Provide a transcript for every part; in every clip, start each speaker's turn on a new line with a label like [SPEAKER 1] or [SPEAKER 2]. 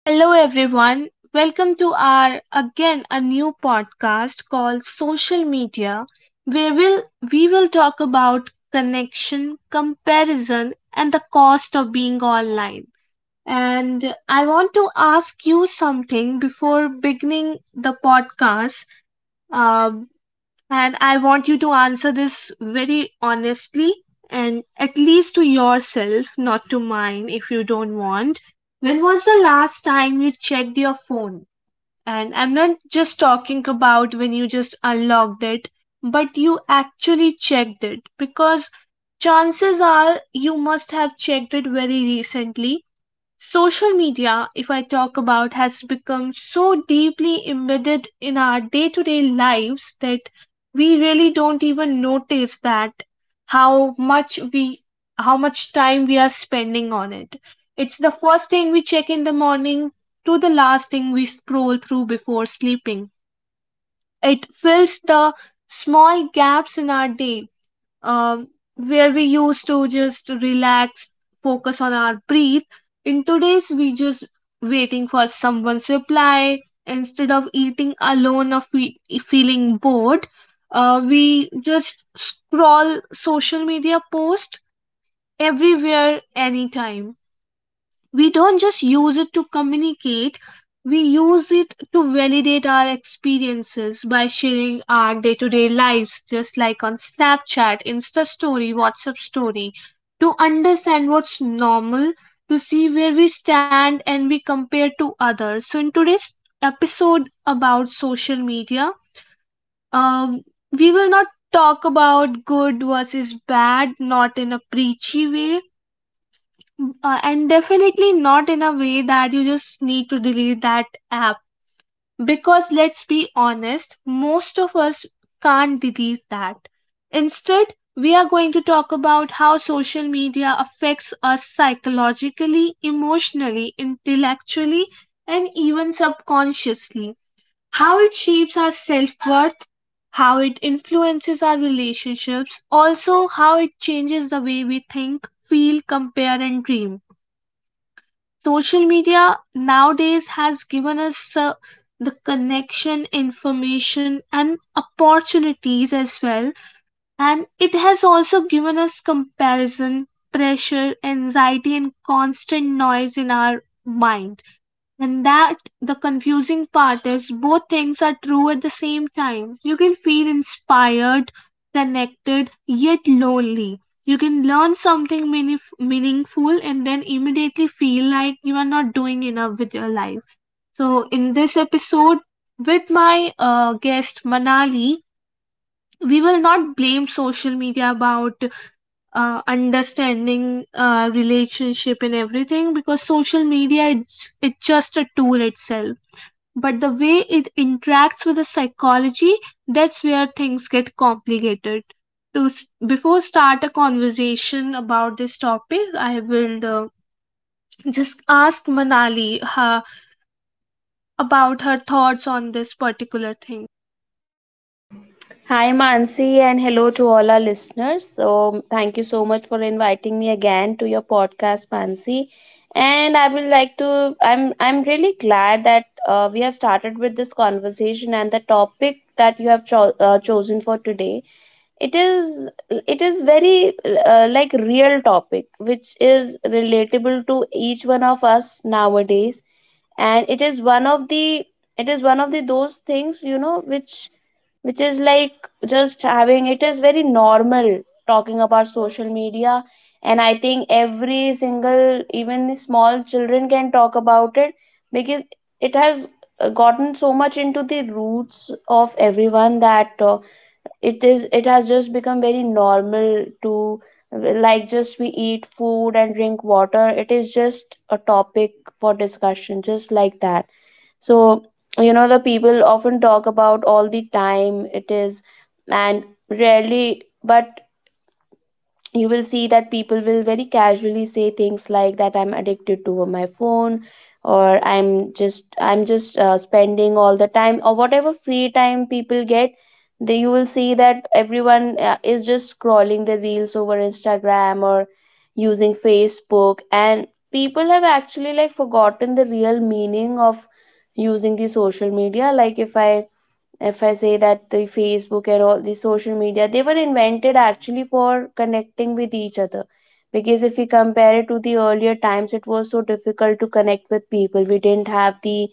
[SPEAKER 1] Hello, everyone. Welcome to our again a new podcast called Social Media, where we will talk about connection, comparison, and the cost of being online. And I want to ask you something before beginning the podcast. Uh, and I want you to answer this very honestly, and at least to yourself, not to mine if you don't want. When was the last time you checked your phone? And I'm not just talking about when you just unlocked it, but you actually checked it, because chances are you must have checked it very recently. Social media, if I talk about, has become so deeply embedded in our day to day lives that we really don't even notice that how much we how much time we are spending on it. It's the first thing we check in the morning to the last thing we scroll through before sleeping. It fills the small gaps in our day, um, where we used to just relax, focus on our breath. In today's, we just waiting for someone's reply instead of eating alone or feeling bored. We just scroll social media post everywhere, anytime. We don't just use it to communicate, we use it to validate our experiences by sharing our day-to-day lives, just like on Snapchat insta story WhatsApp story, to understand what's normal, to see where we stand and we compare to others. So in today's episode about social media, um, we will not talk about good versus bad, not in a preachy way. And definitely not in a way that you just need to delete that app, because let's be honest, most of us can't delete that. Instead, we are going to talk about how social media affects us psychologically, emotionally, intellectually, and even subconsciously, how it shapes our self-worth, how it influences our relationships, also how it changes the way we think, feel, compare, and dream. Social media nowadays has given us the connection, information, and opportunities as well. And it has also given us comparison, pressure, anxiety, and constant noise in our mind. And that the confusing part is both things are true at the same time. You can feel inspired, connected, yet lonely. You can learn something meaningful and then immediately feel like you are not doing enough with your life. So, in this episode with my guest Manali, we will not blame social media about understanding relationship and everything, because social media it's just a tool itself, but the way it interacts with the psychology, that's where things get complicated. Before start a conversation about this topic, I will just ask Manali uh, about her thoughts on this particular thing.
[SPEAKER 2] Hi, Mansi, and hello to all our listeners. So, thank you so much for inviting me again to your podcast, Mansi. And I will like to. I'm really glad that we have started with this conversation and the topic that you have chosen for today. It is it is very like real topic, which is relatable to each one of us nowadays, and it is one of the it is one of the those things, you know, which is like just having it is very normal, talking about social media. And I think every single, even the small children, can talk about it because it has gotten so much into the roots of everyone that it has just become very normal to, like, just we eat food and drink water, it is just a topic for discussion just like that. So, you know, the people often talk about all the time. It is, and rarely, but you will see that people will very casually say things like that, I'm addicted to my phone, or I'm just spending all the time, or whatever free time people get. They, you will see that everyone is just scrolling the reels over Instagram or using Facebook, and people have actually, like, forgotten the real meaning of using the social media. Like, if I, if I say that the Facebook and all the social media, they were invented actually for connecting with each other. Because if we compare it to the earlier times, it was so difficult to connect with people. We didn't have the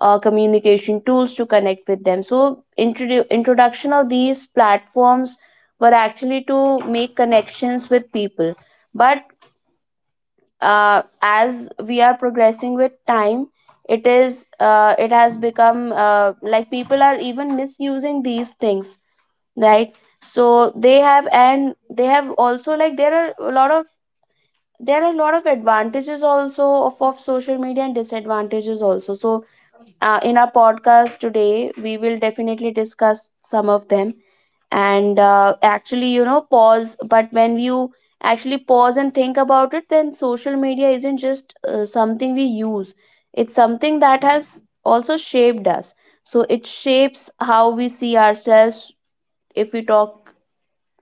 [SPEAKER 2] communication tools to connect with them. So introduction of these platforms were actually to make connections with people. But as we are progressing with time, it is, it has become like, people are even misusing these things, right? So they have, and they have also, like, there are a lot of, there are a lot of advantages also of social media, and disadvantages also. So in our podcast today, we will definitely discuss some of them. And actually, you know, pause but when you actually pause and think about it, then social media isn't just something we use. It's something that has also shaped us. So it shapes how we see ourselves, if we talk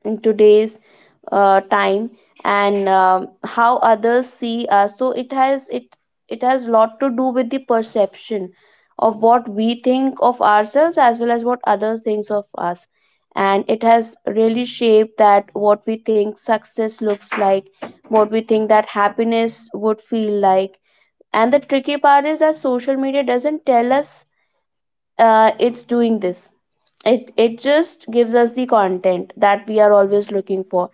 [SPEAKER 2] in today's time, and how others see us. So it has, it has lot to do with the perception of what we think of ourselves as well as what others thinks of us. And it has really shaped that what we think success looks like, what we think that happiness would feel like. And the tricky part is that social media doesn't tell us it's doing this. It just gives us the content that we are always looking for,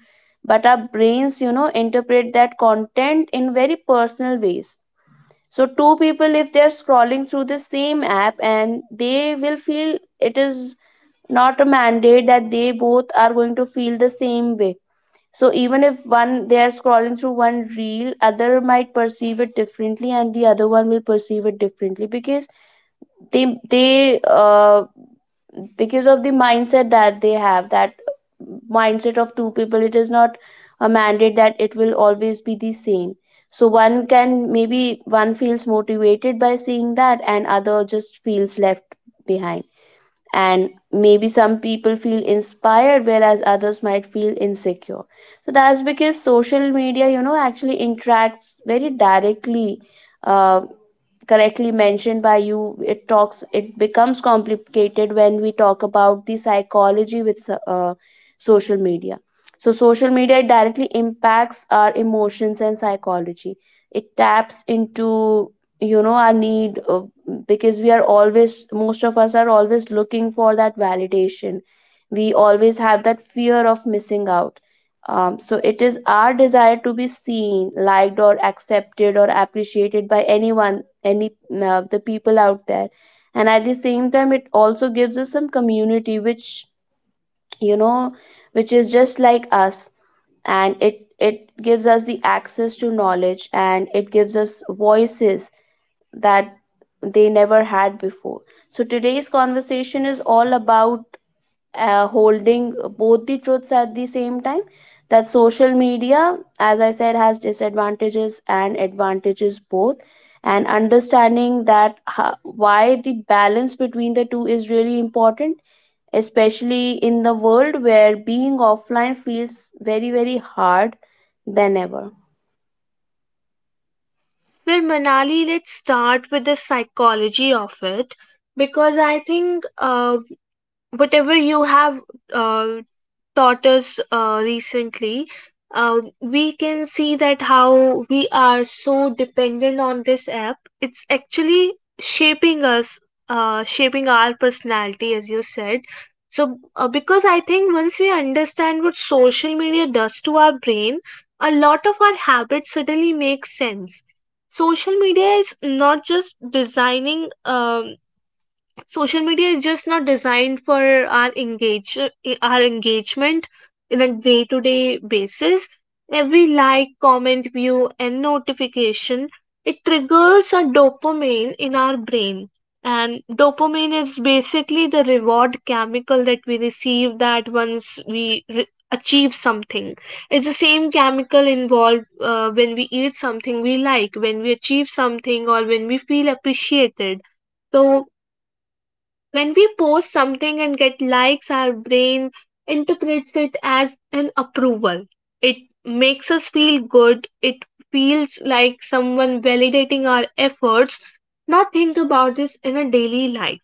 [SPEAKER 2] but our brains, you know, interpret that content in very personal ways. So two people, if they're scrolling through the same app, and they will feel, it is not a mandate that they both are going to feel the same way. So even if one, they are scrolling through one reel, other might perceive it differently, and the other one will perceive it differently, because they because of the mindset that they have, that mindset of two people, it is not a mandate that it will always be the same. So one can, maybe one feels motivated by seeing that, and other just feels left behind. And maybe some people feel inspired, whereas others might feel insecure. So that's because social media, you know, actually interacts very directly, uh, correctly mentioned by you. It becomes complicated when we talk about the psychology with social media. So social media directly impacts our emotions and psychology. It taps into, you know, our need, because we are always, most of us are always looking for that validation. We always have that fear of missing out. So it is our desire to be seen, liked, or accepted, or appreciated by anyone, any the people out there. And at the same time, it also gives us some community which, you know, which is just like us. And it gives us the access to knowledge, and it gives us voices that they never had before. So today's conversation is all about holding both the truths at the same time, that social media, as I said, has disadvantages and advantages both, and understanding that why the balance between the two is really important, especially in the world where being offline feels very, very hard than ever.
[SPEAKER 1] Well, Manali, let's start with the psychology of it, because I think whatever you have uh, taught us recently, we can see that how we are so dependent on this app. It's actually shaping us, shaping our personality, as you said. So, because I think once we understand what social media does to our brain, a lot of our habits suddenly make sense. Social media is not just designing. Social media is just not designed for our engage our engagement in a day-to-day basis. Every like, comment, view, and notification, it triggers a dopamine in our brain. And dopamine is basically the reward chemical that we receive, that once we achieve something. It's the same chemical involved when we eat something we like, when we achieve something, or when we feel appreciated. So when we post something and get likes, our brain interprets it as an approval. It makes us feel good. It feels like someone validating our efforts. Now, think about this in a daily life.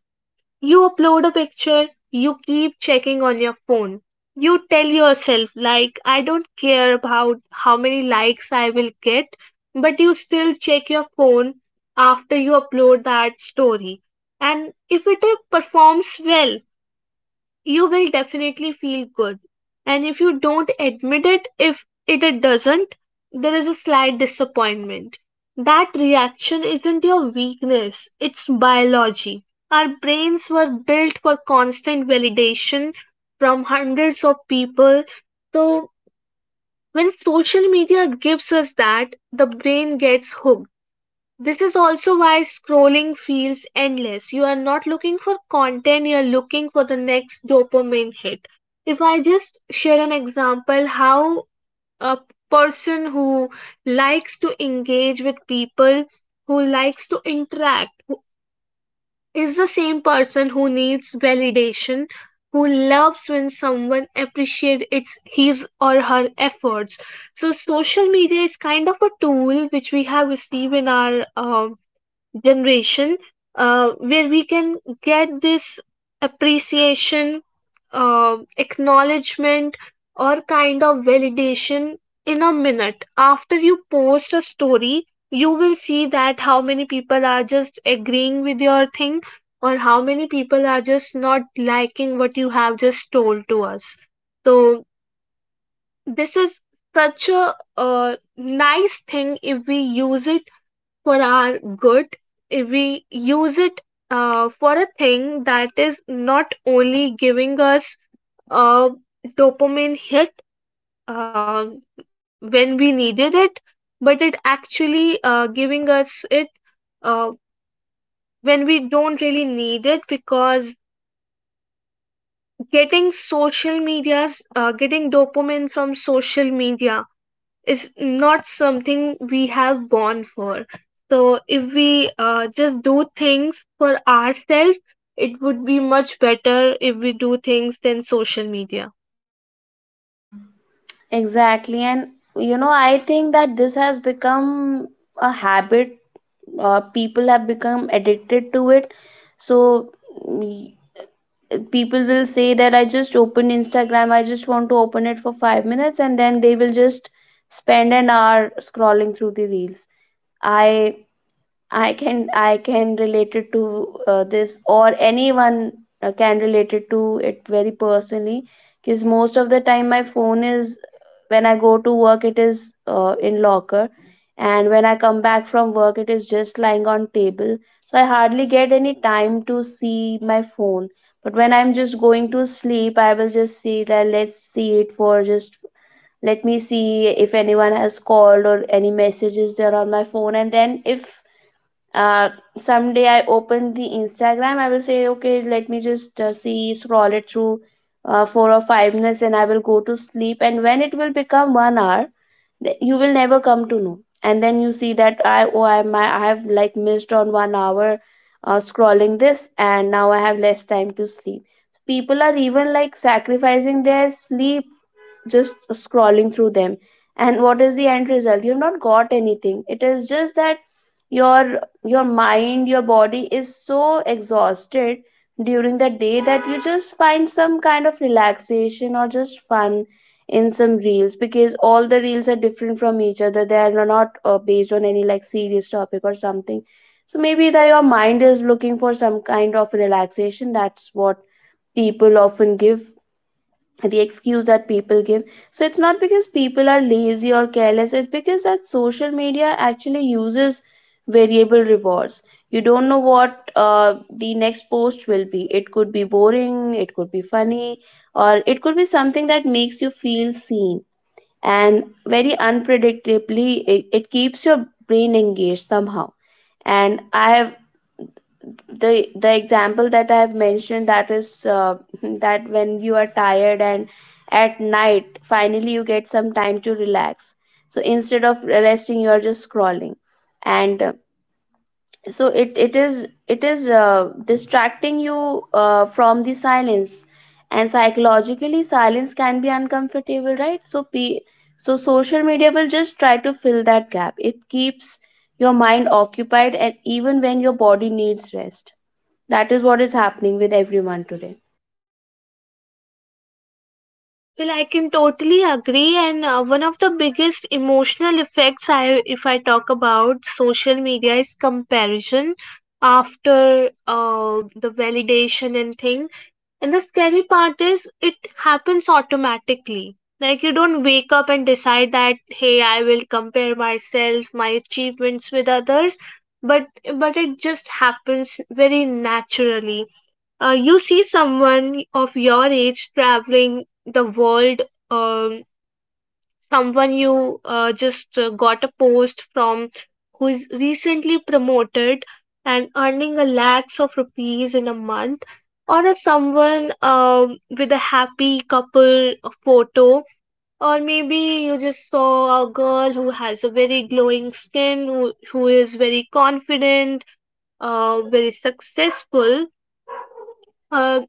[SPEAKER 1] You upload a picture, you keep checking on your phone. You tell yourself, like, I don't care about how many likes I will get, but you still check your phone after you upload that story. And if it performs well, you will definitely feel good. And if you don't admit it, if it doesn't, there is a slight disappointment. That reaction isn't your weakness, it's biology. Our brains were built for constant validation from hundreds of people. So when social media gives us that, the brain gets hooked. This is also why scrolling feels endless. You are not looking for content, you're looking for the next dopamine hit. If I just share an example, how a person who likes to engage with people, who likes to interact, who is the same person who needs validation, who loves when someone appreciates its his or her efforts. So social media is kind of a tool which we have received in our generation, where we can get this appreciation, acknowledgement, or kind of validation in a minute. After you post a story, you will see that how many people are just agreeing with your thing, or how many people are just not liking what you have just told to us. So, this is such a nice thing if we use it for our good, if we use it for a thing that is not only giving us a dopamine hit uh, when we needed it, but it actually giving us it uh, when we don't really need it, because getting dopamine from social media is not something we have born for. So if we just do things for ourselves, it would be much better if we do things than social media.
[SPEAKER 2] Exactly, and you know, I think that this has become a habit, people have become addicted to it. So mm, people will say that I just opened Instagram, I just want to open it for 5 minutes, and then they will just spend an hour scrolling through the reels. I I can relate it to this, or anyone can relate it to it very personally, because most of the time my phone is, when I go to work, it is in locker, and when I come back from work, it is just lying on table. So I hardly get any time to see my phone. But when I'm just going to sleep, I will just see that, let's see it for just, let me see if anyone has called or any messages there on my phone. And then if uh someday I open the Instagram, I will say, okay, let me just see, scroll it through 4 or 5 minutes, and I will go to sleep, and when it will become 1 hour, you will never come to know. And then you see that, I, oh, I have like missed on 1 hour scrolling this, and now I have less time to sleep. So people are even like sacrificing their sleep just scrolling through them. And what is the end result? You have not got anything. It is just that your your mind, your body is so exhausted during the day, that you just find some kind of relaxation or just fun in some reels, because all the reels are different from each other, they are not based on any like serious topic or something. So maybe that your mind is looking for some kind of relaxation, that's what people often give, the excuse that people give. So it's not because people are lazy or careless, it's because that social media actually uses variable rewards. You don't know what the next post will be, it could be boring, it could be funny, or it could be something that makes you feel seen. And very unpredictably, it keeps your brain engaged somehow. And I have the example that I have mentioned, that is, that when you are tired, and at night, finally you get some time to relax, so instead of resting, you are just scrolling. And so it is distracting you from the silence. And psychologically, silence can be uncomfortable, right? So so social media will just try to fill that gap. It keeps your mind occupied, and even when your body needs rest, that is what is happening with everyone today.
[SPEAKER 1] Well, I can totally agree, and one of the biggest emotional effects if I talk about social media, is comparison after the validation and things. And the scary part is it happens automatically. Like, you don't wake up and decide that hey, I will compare myself, my achievements with others, but it just happens very naturally. You see someone of your age traveling the world, um someone you just got a post from, who is recently promoted and earning a lakhs of rupees in a month, or a someone with a happy couple photo, or maybe you just saw a girl who has a very glowing skin, who is very confident, very successful, uh,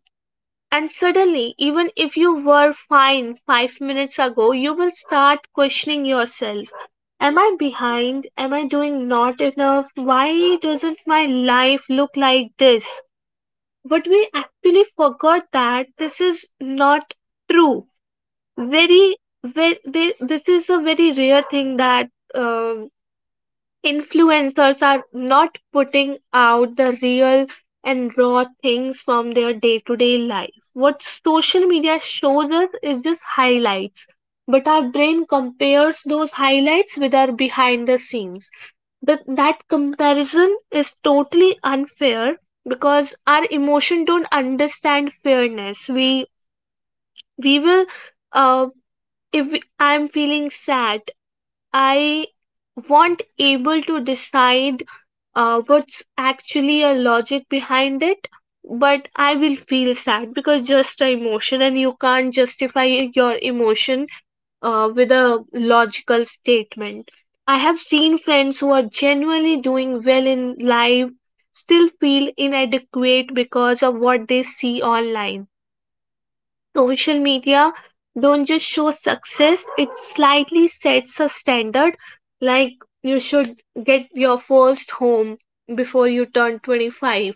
[SPEAKER 1] and suddenly even if you were fine 5 minutes ago, you will start questioning yourself. Am I behind? Am I doing not enough? Why doesn't my life look like this? But we actually forgot that this is not true. Very, this is a very rare thing that um, influencers are not putting out the real and raw things from their day to day life. What social media shows us is just highlights, but our brain compares those highlights with our behind the scenes. That comparison is totally unfair, because our emotion don't understand fairness. We will uh, if we, I'm feeling sad, I won't able to decide what's actually a logic behind it, but I will feel sad because just a emotion, and you can't justify your emotion with a logical statement. I have seen friends who are genuinely doing well in life still feel inadequate because of what they see online. Social media don't just show success, it slightly sets a standard, like, you should get your first home before you turn 25.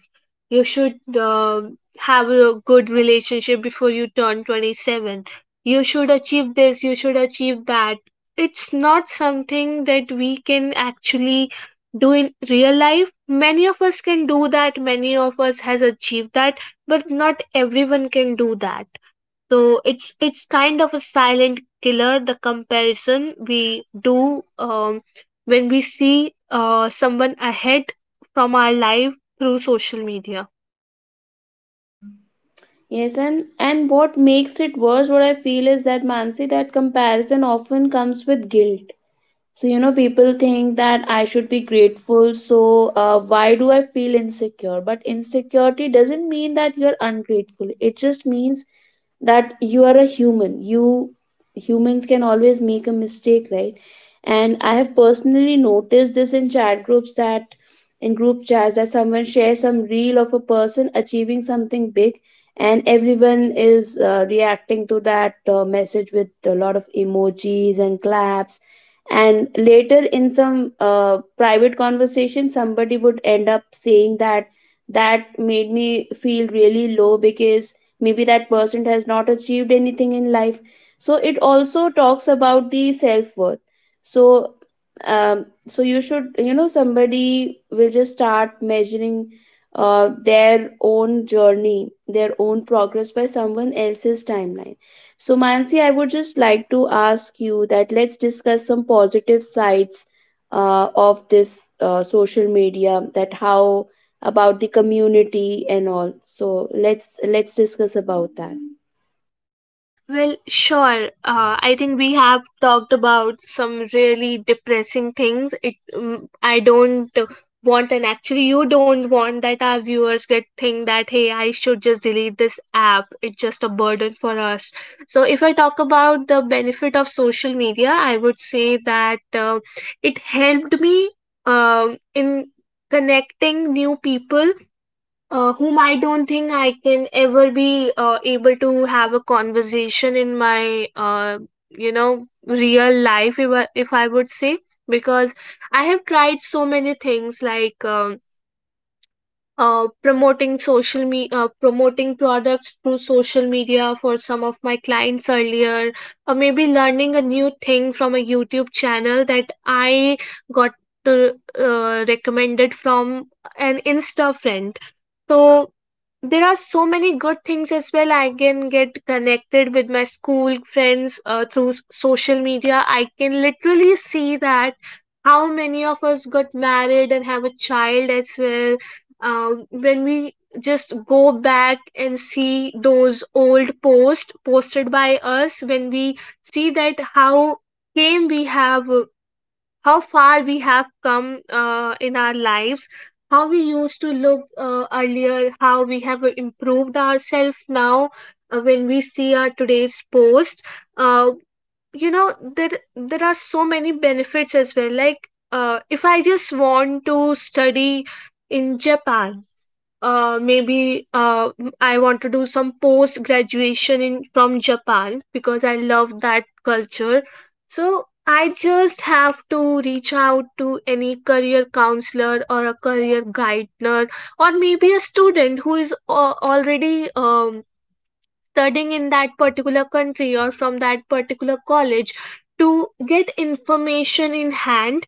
[SPEAKER 1] You should um have a good relationship before you turn 27. You should achieve this, you should achieve that. It's not something that we can actually do in real life. Many of us can do that, many of us has achieved that, but not everyone can do that. So it's kind of a silent killer, the comparison we do when we see someone ahead from our life through social media.
[SPEAKER 2] Yes, and what makes it worse, what I feel is that, Mansi, that comparison often comes with guilt. So, you know, people think that I should be grateful. So, why do I feel insecure? But insecurity doesn't mean that you're ungrateful. It just means that you are a human. You, humans can always make a mistake, right? And I have personally noticed this in chat groups, that in group chats, that someone shares some reel of a person achieving something big, and everyone is reacting to that message with a lot of emojis and claps. And later in some private conversation, somebody would end up saying that that made me feel really low, because maybe that person has not achieved anything in life. So it also talks about the self-worth. So so you should, you know, somebody will just start measuring their own journey, their own progress by someone else's timeline. So, Mansi, I would just like to ask you that, let's discuss some positive sides of this social media. That how about the community and all. So let's discuss about that.
[SPEAKER 1] Well, sure. I think we have talked about some really depressing things. I don't want, and actually, you don't want that our viewers get think that hey, I should just delete this app. It's just a burden for us. So, if I talk about the benefit of social media, I would say that it helped me in connecting new people whom I don't think I can ever be able to have a conversation in my, real life, if I would say, because I have tried so many things like promoting social me promoting products through social media for some of my clients earlier, or maybe learning a new thing from a YouTube channel that I got. To, recommended from an insta friend. So there are so many good things as well. I can get connected with my school friends through social media. I can literally see that how many of us got married and have a child as well. When we just go back and see those old posts posted by us, when we see that came we have how far we have come in our lives, how we used to look earlier, how we have improved ourselves now, when we see our today's post, uh, you know there are so many benefits as well. Like if I just want to study in Japan, maybe I want to do some post graduation in from Japan because I love that culture. So I just have to reach out to any career counselor or a career guider, or maybe a student who is already studying in that particular country or from that particular college, to get information in hand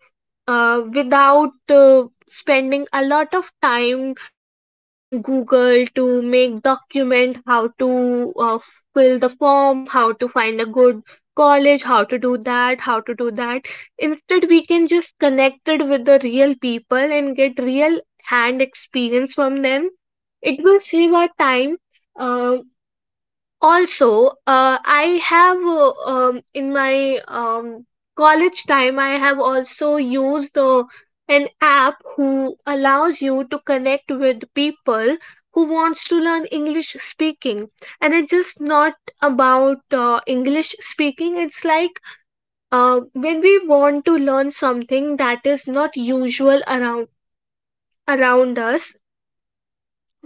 [SPEAKER 1] without spending a lot of time to on Google to make document, how to uh, fill the form, how to find a good college, how to do that, how to do that. Instead we can just connected with the real people and get real hand experience from them. It will save our time. uh, Also, I have in my college time, I have also used an app who allows you to connect with people who wants to learn English speaking, and it's just not about English speaking. It's like when we want to learn something that is not usual around us,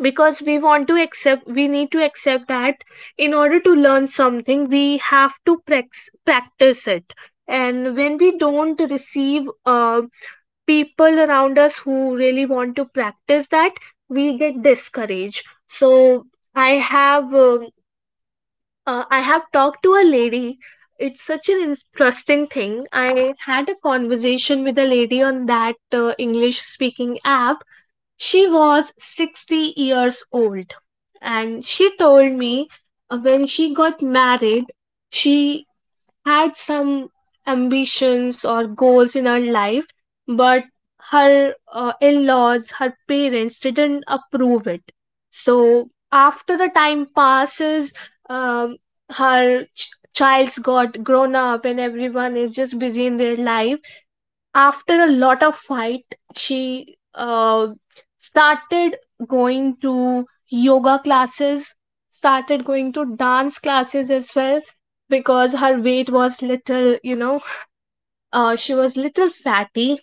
[SPEAKER 1] because we want to accept, we need to accept that in order to learn something we have to practice it. And when we don't receive people around us who really want to practice that, we get discouraged. So I have I have talked to a lady. It's such an interesting thing. I had a conversation with a lady on that English speaking app. She was 60 years old, and she told me when she got married, she had some ambitions or goals in her life, but her in-laws, her parents didn't approve it. So after the time passes, um, her child's got grown up and everyone is just busy in their life. After a lot of fight, she started going to yoga classes, started going to dance classes as well, because her weight was little, you know, she was little fatty.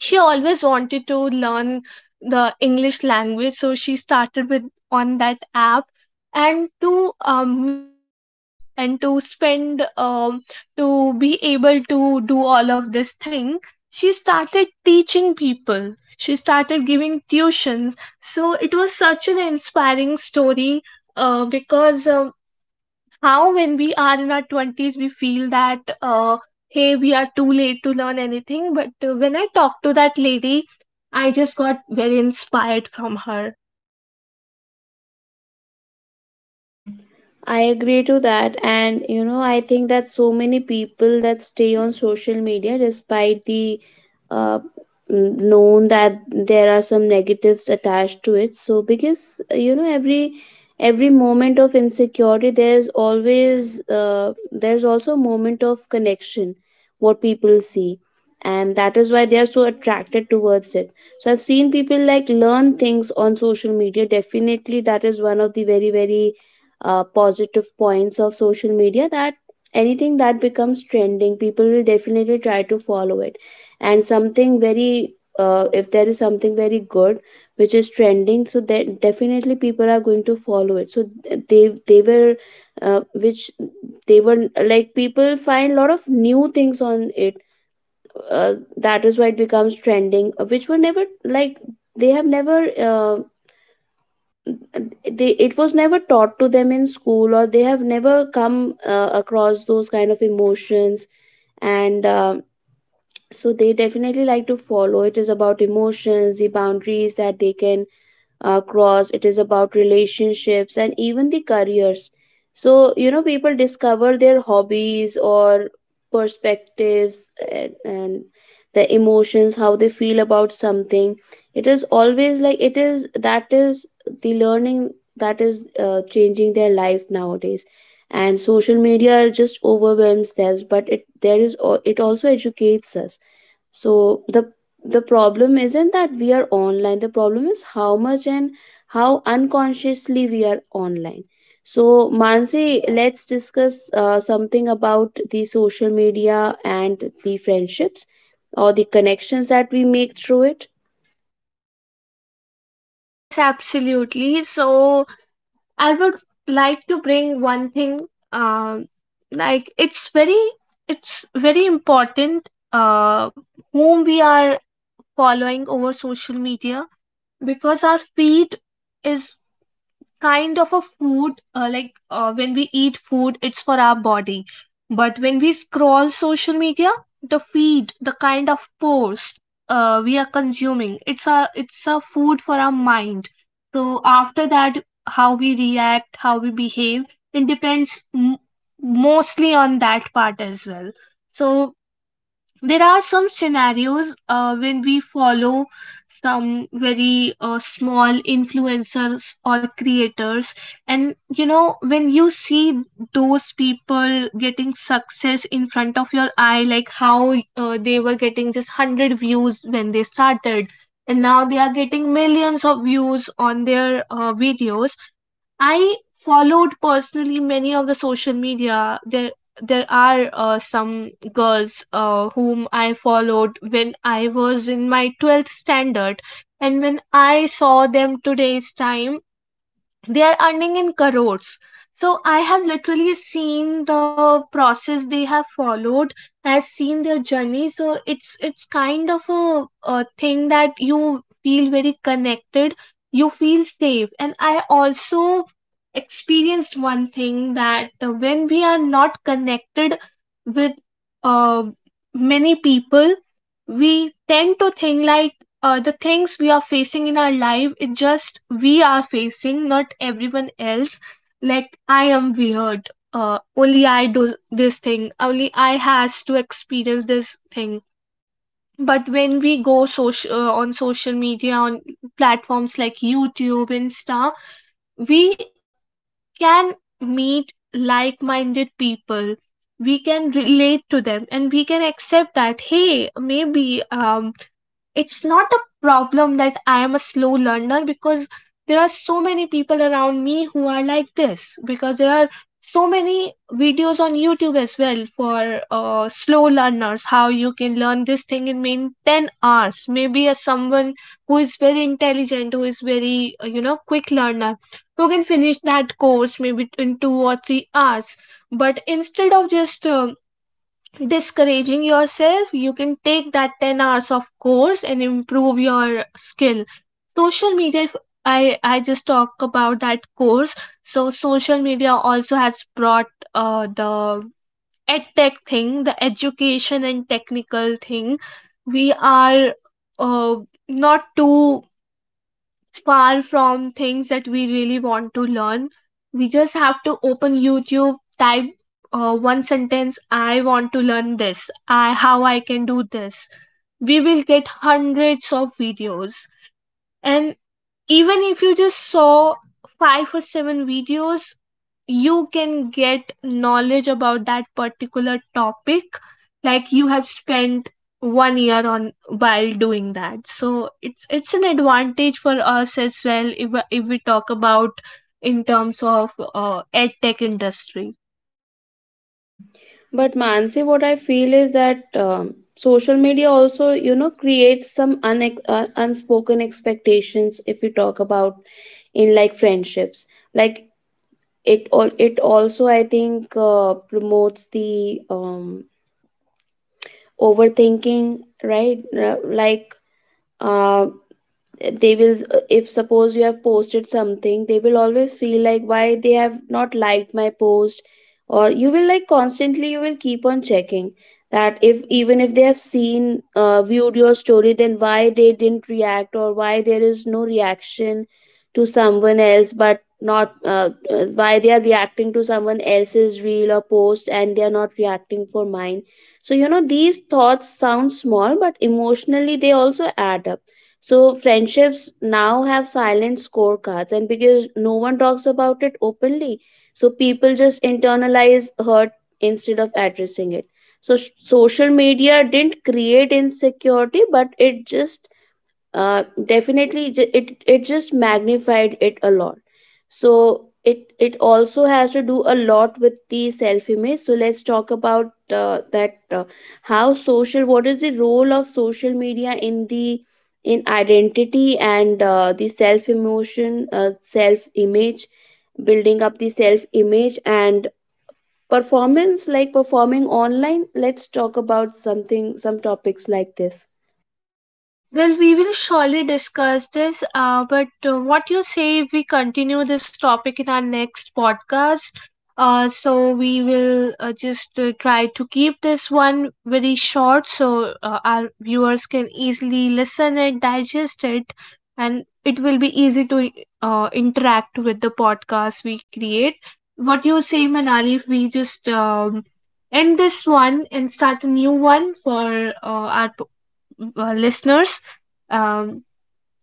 [SPEAKER 1] She always wanted to learn the English language, so she started with on that app. And to make living and to spend, to be able to do all of this thing, she started teaching people, she started giving tuitions. So it was such an inspiring story, because how when we are in our 20s we feel that hey, we are too late to learn anything. But when I talked to that lady, I just got very inspired from her.
[SPEAKER 2] I agree to that. And, you know, I think that so many people that stay on social media, despite the uh, known that there are some negatives attached to it. So, because, you know, every moment of insecurity, there's always there's also a moment of connection what people see, and that is why they are so attracted towards it. So I've seen people like learn things on social media, definitely that is one of the very, very positive points of social media, that anything that becomes trending, people will definitely try to follow it. And something very if there is something very good which is trending, so that definitely people are going to follow it. So they were which they were like, people find a lot of new things on it, that is why it becomes trending, which were never like, they have never they, it was never taught to them in school, or they have never come across those kind of emotions. And so they definitely like to follow, it is about emotions, the boundaries that they can across, it is about relationships and even the careers. So, you know, people discover their hobbies or perspectives, and the emotions, how they feel about something. It is always like, it is that is the learning, that is changing their life nowadays. And social media just overwhelms them, but it also educates us. So the problem isn't that we are online, the problem is how much and how unconsciously we are online. So, Mansi, let's discuss something about the social media and the friendships or the connections that we make through it.
[SPEAKER 1] Yes, absolutely. So I would like to bring one thing, um like it's very, it's very important whom we are following over social media, because our feed is kind of a food. Like when we eat food it's for our body, but when we scroll social media, the feed, the kind of post we are consuming, it's a food for our mind. So after that, how we react, how we behave, it depends mostly on that part as well. So there are some scenarios when we follow some very small influencers or creators, and you know, when you see those people getting success in front of your eye, like how they were getting just 100 views when they started, and now they are getting millions of views on their videos. I followed personally many of the social media. There are some girls whom I followed when I was in my 12th standard. And when I saw them today's time, they are earning in crores. So I have literally seen the process they have followed. I've seen their journey. So it's kind of a thing that you feel very connected. You feel safe. And I also experienced one thing that when we are not connected with uh, many people, we tend to think like the things we are facing in our life, it just we are facing, not everyone else. Like I am weird, only I do this thing, only I has to experience this thing. But when we go social on social media, on platforms like YouTube, Insta, we can meet like-minded people. We can relate to them, and we can accept that, hey, maybe, um it's not a problem that I am a slow learner, because there are so many people around me who are like this, because there are so many videos on YouTube as well for slow learners, how you can learn this thing in mean 10 hours. Maybe as someone who is very intelligent, who is very quick learner, who can finish that course maybe in 2 or 3 hours. But instead of just discouraging yourself, you can take that 10 hours of course and improve your skill. Social media, if I just talk about that course, so social media also has brought the edtech thing, the education and technical thing. We are uh, not too far from things that we really want to learn. We just have to open YouTube, type one sentence, I want to learn this, I how I can do this. We will get hundreds of videos, and even if you just saw five or seven videos, you can get knowledge about that particular topic like you have spent 1 year on while doing that. So it's an advantage for us as well, if we talk about in terms of ed tech industry.
[SPEAKER 2] But, Mansi, what I feel is that, social media also, you know, creates some unex unspoken expectations, if we talk about in like friendships. Like, it also, I think, promotes the overthinking, right? Like, uh they will, if suppose you have posted something, they will always feel like, why they have not liked my post? Or you will like constantly, you will keep on checking that, if even if they have seen, viewed your story, then why they didn't react, or why there is no reaction to someone else, but not, why they are reacting to someone else's reel or post, and they are not reacting for mine. So, you know, these thoughts sound small, but emotionally they also add up. So friendships now have silent scorecards, and because no one talks about it openly, so people just internalize hurt instead of addressing it. So social media didn't create insecurity, but it just definitely it just magnified it a lot. So it also has to do a lot with the self image. So let's talk about that, how social, what is the role of social media in the, in identity and the self image, building up the self image and performance, like performing online. Let's talk about something, some topics like this.
[SPEAKER 1] Well, we will surely discuss this, but what you say if we continue this topic in our next podcast? So we will just try to keep this one very short so our viewers can easily listen it, digest it, and it will be easy to interact with the podcast we create. What you say, Manali, if we just end this one and start a new one for our listeners. Um,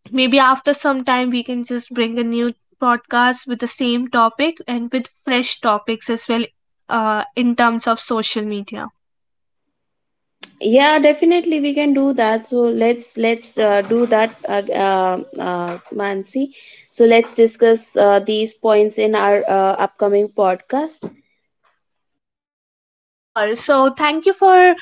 [SPEAKER 1] Maybe after some time, we can just bring a new podcast with the same topic and with fresh topics as well in terms of social media.
[SPEAKER 2] Yeah, definitely we can do that. So let's do that, Mansi. So let's discuss these points in our upcoming podcast.
[SPEAKER 1] Sure. So, thank you for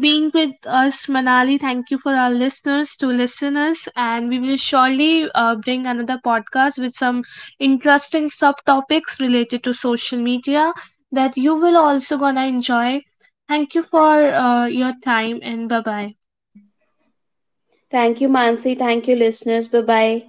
[SPEAKER 1] being with us, Manali. Thank you for our listeners to listen us, and we will surely bring another podcast with some interesting subtopics related to social media that you will also gonna enjoy. Thank you for your time, and bye bye.
[SPEAKER 2] Thank you, Mansi. Thank you, listeners. Bye bye.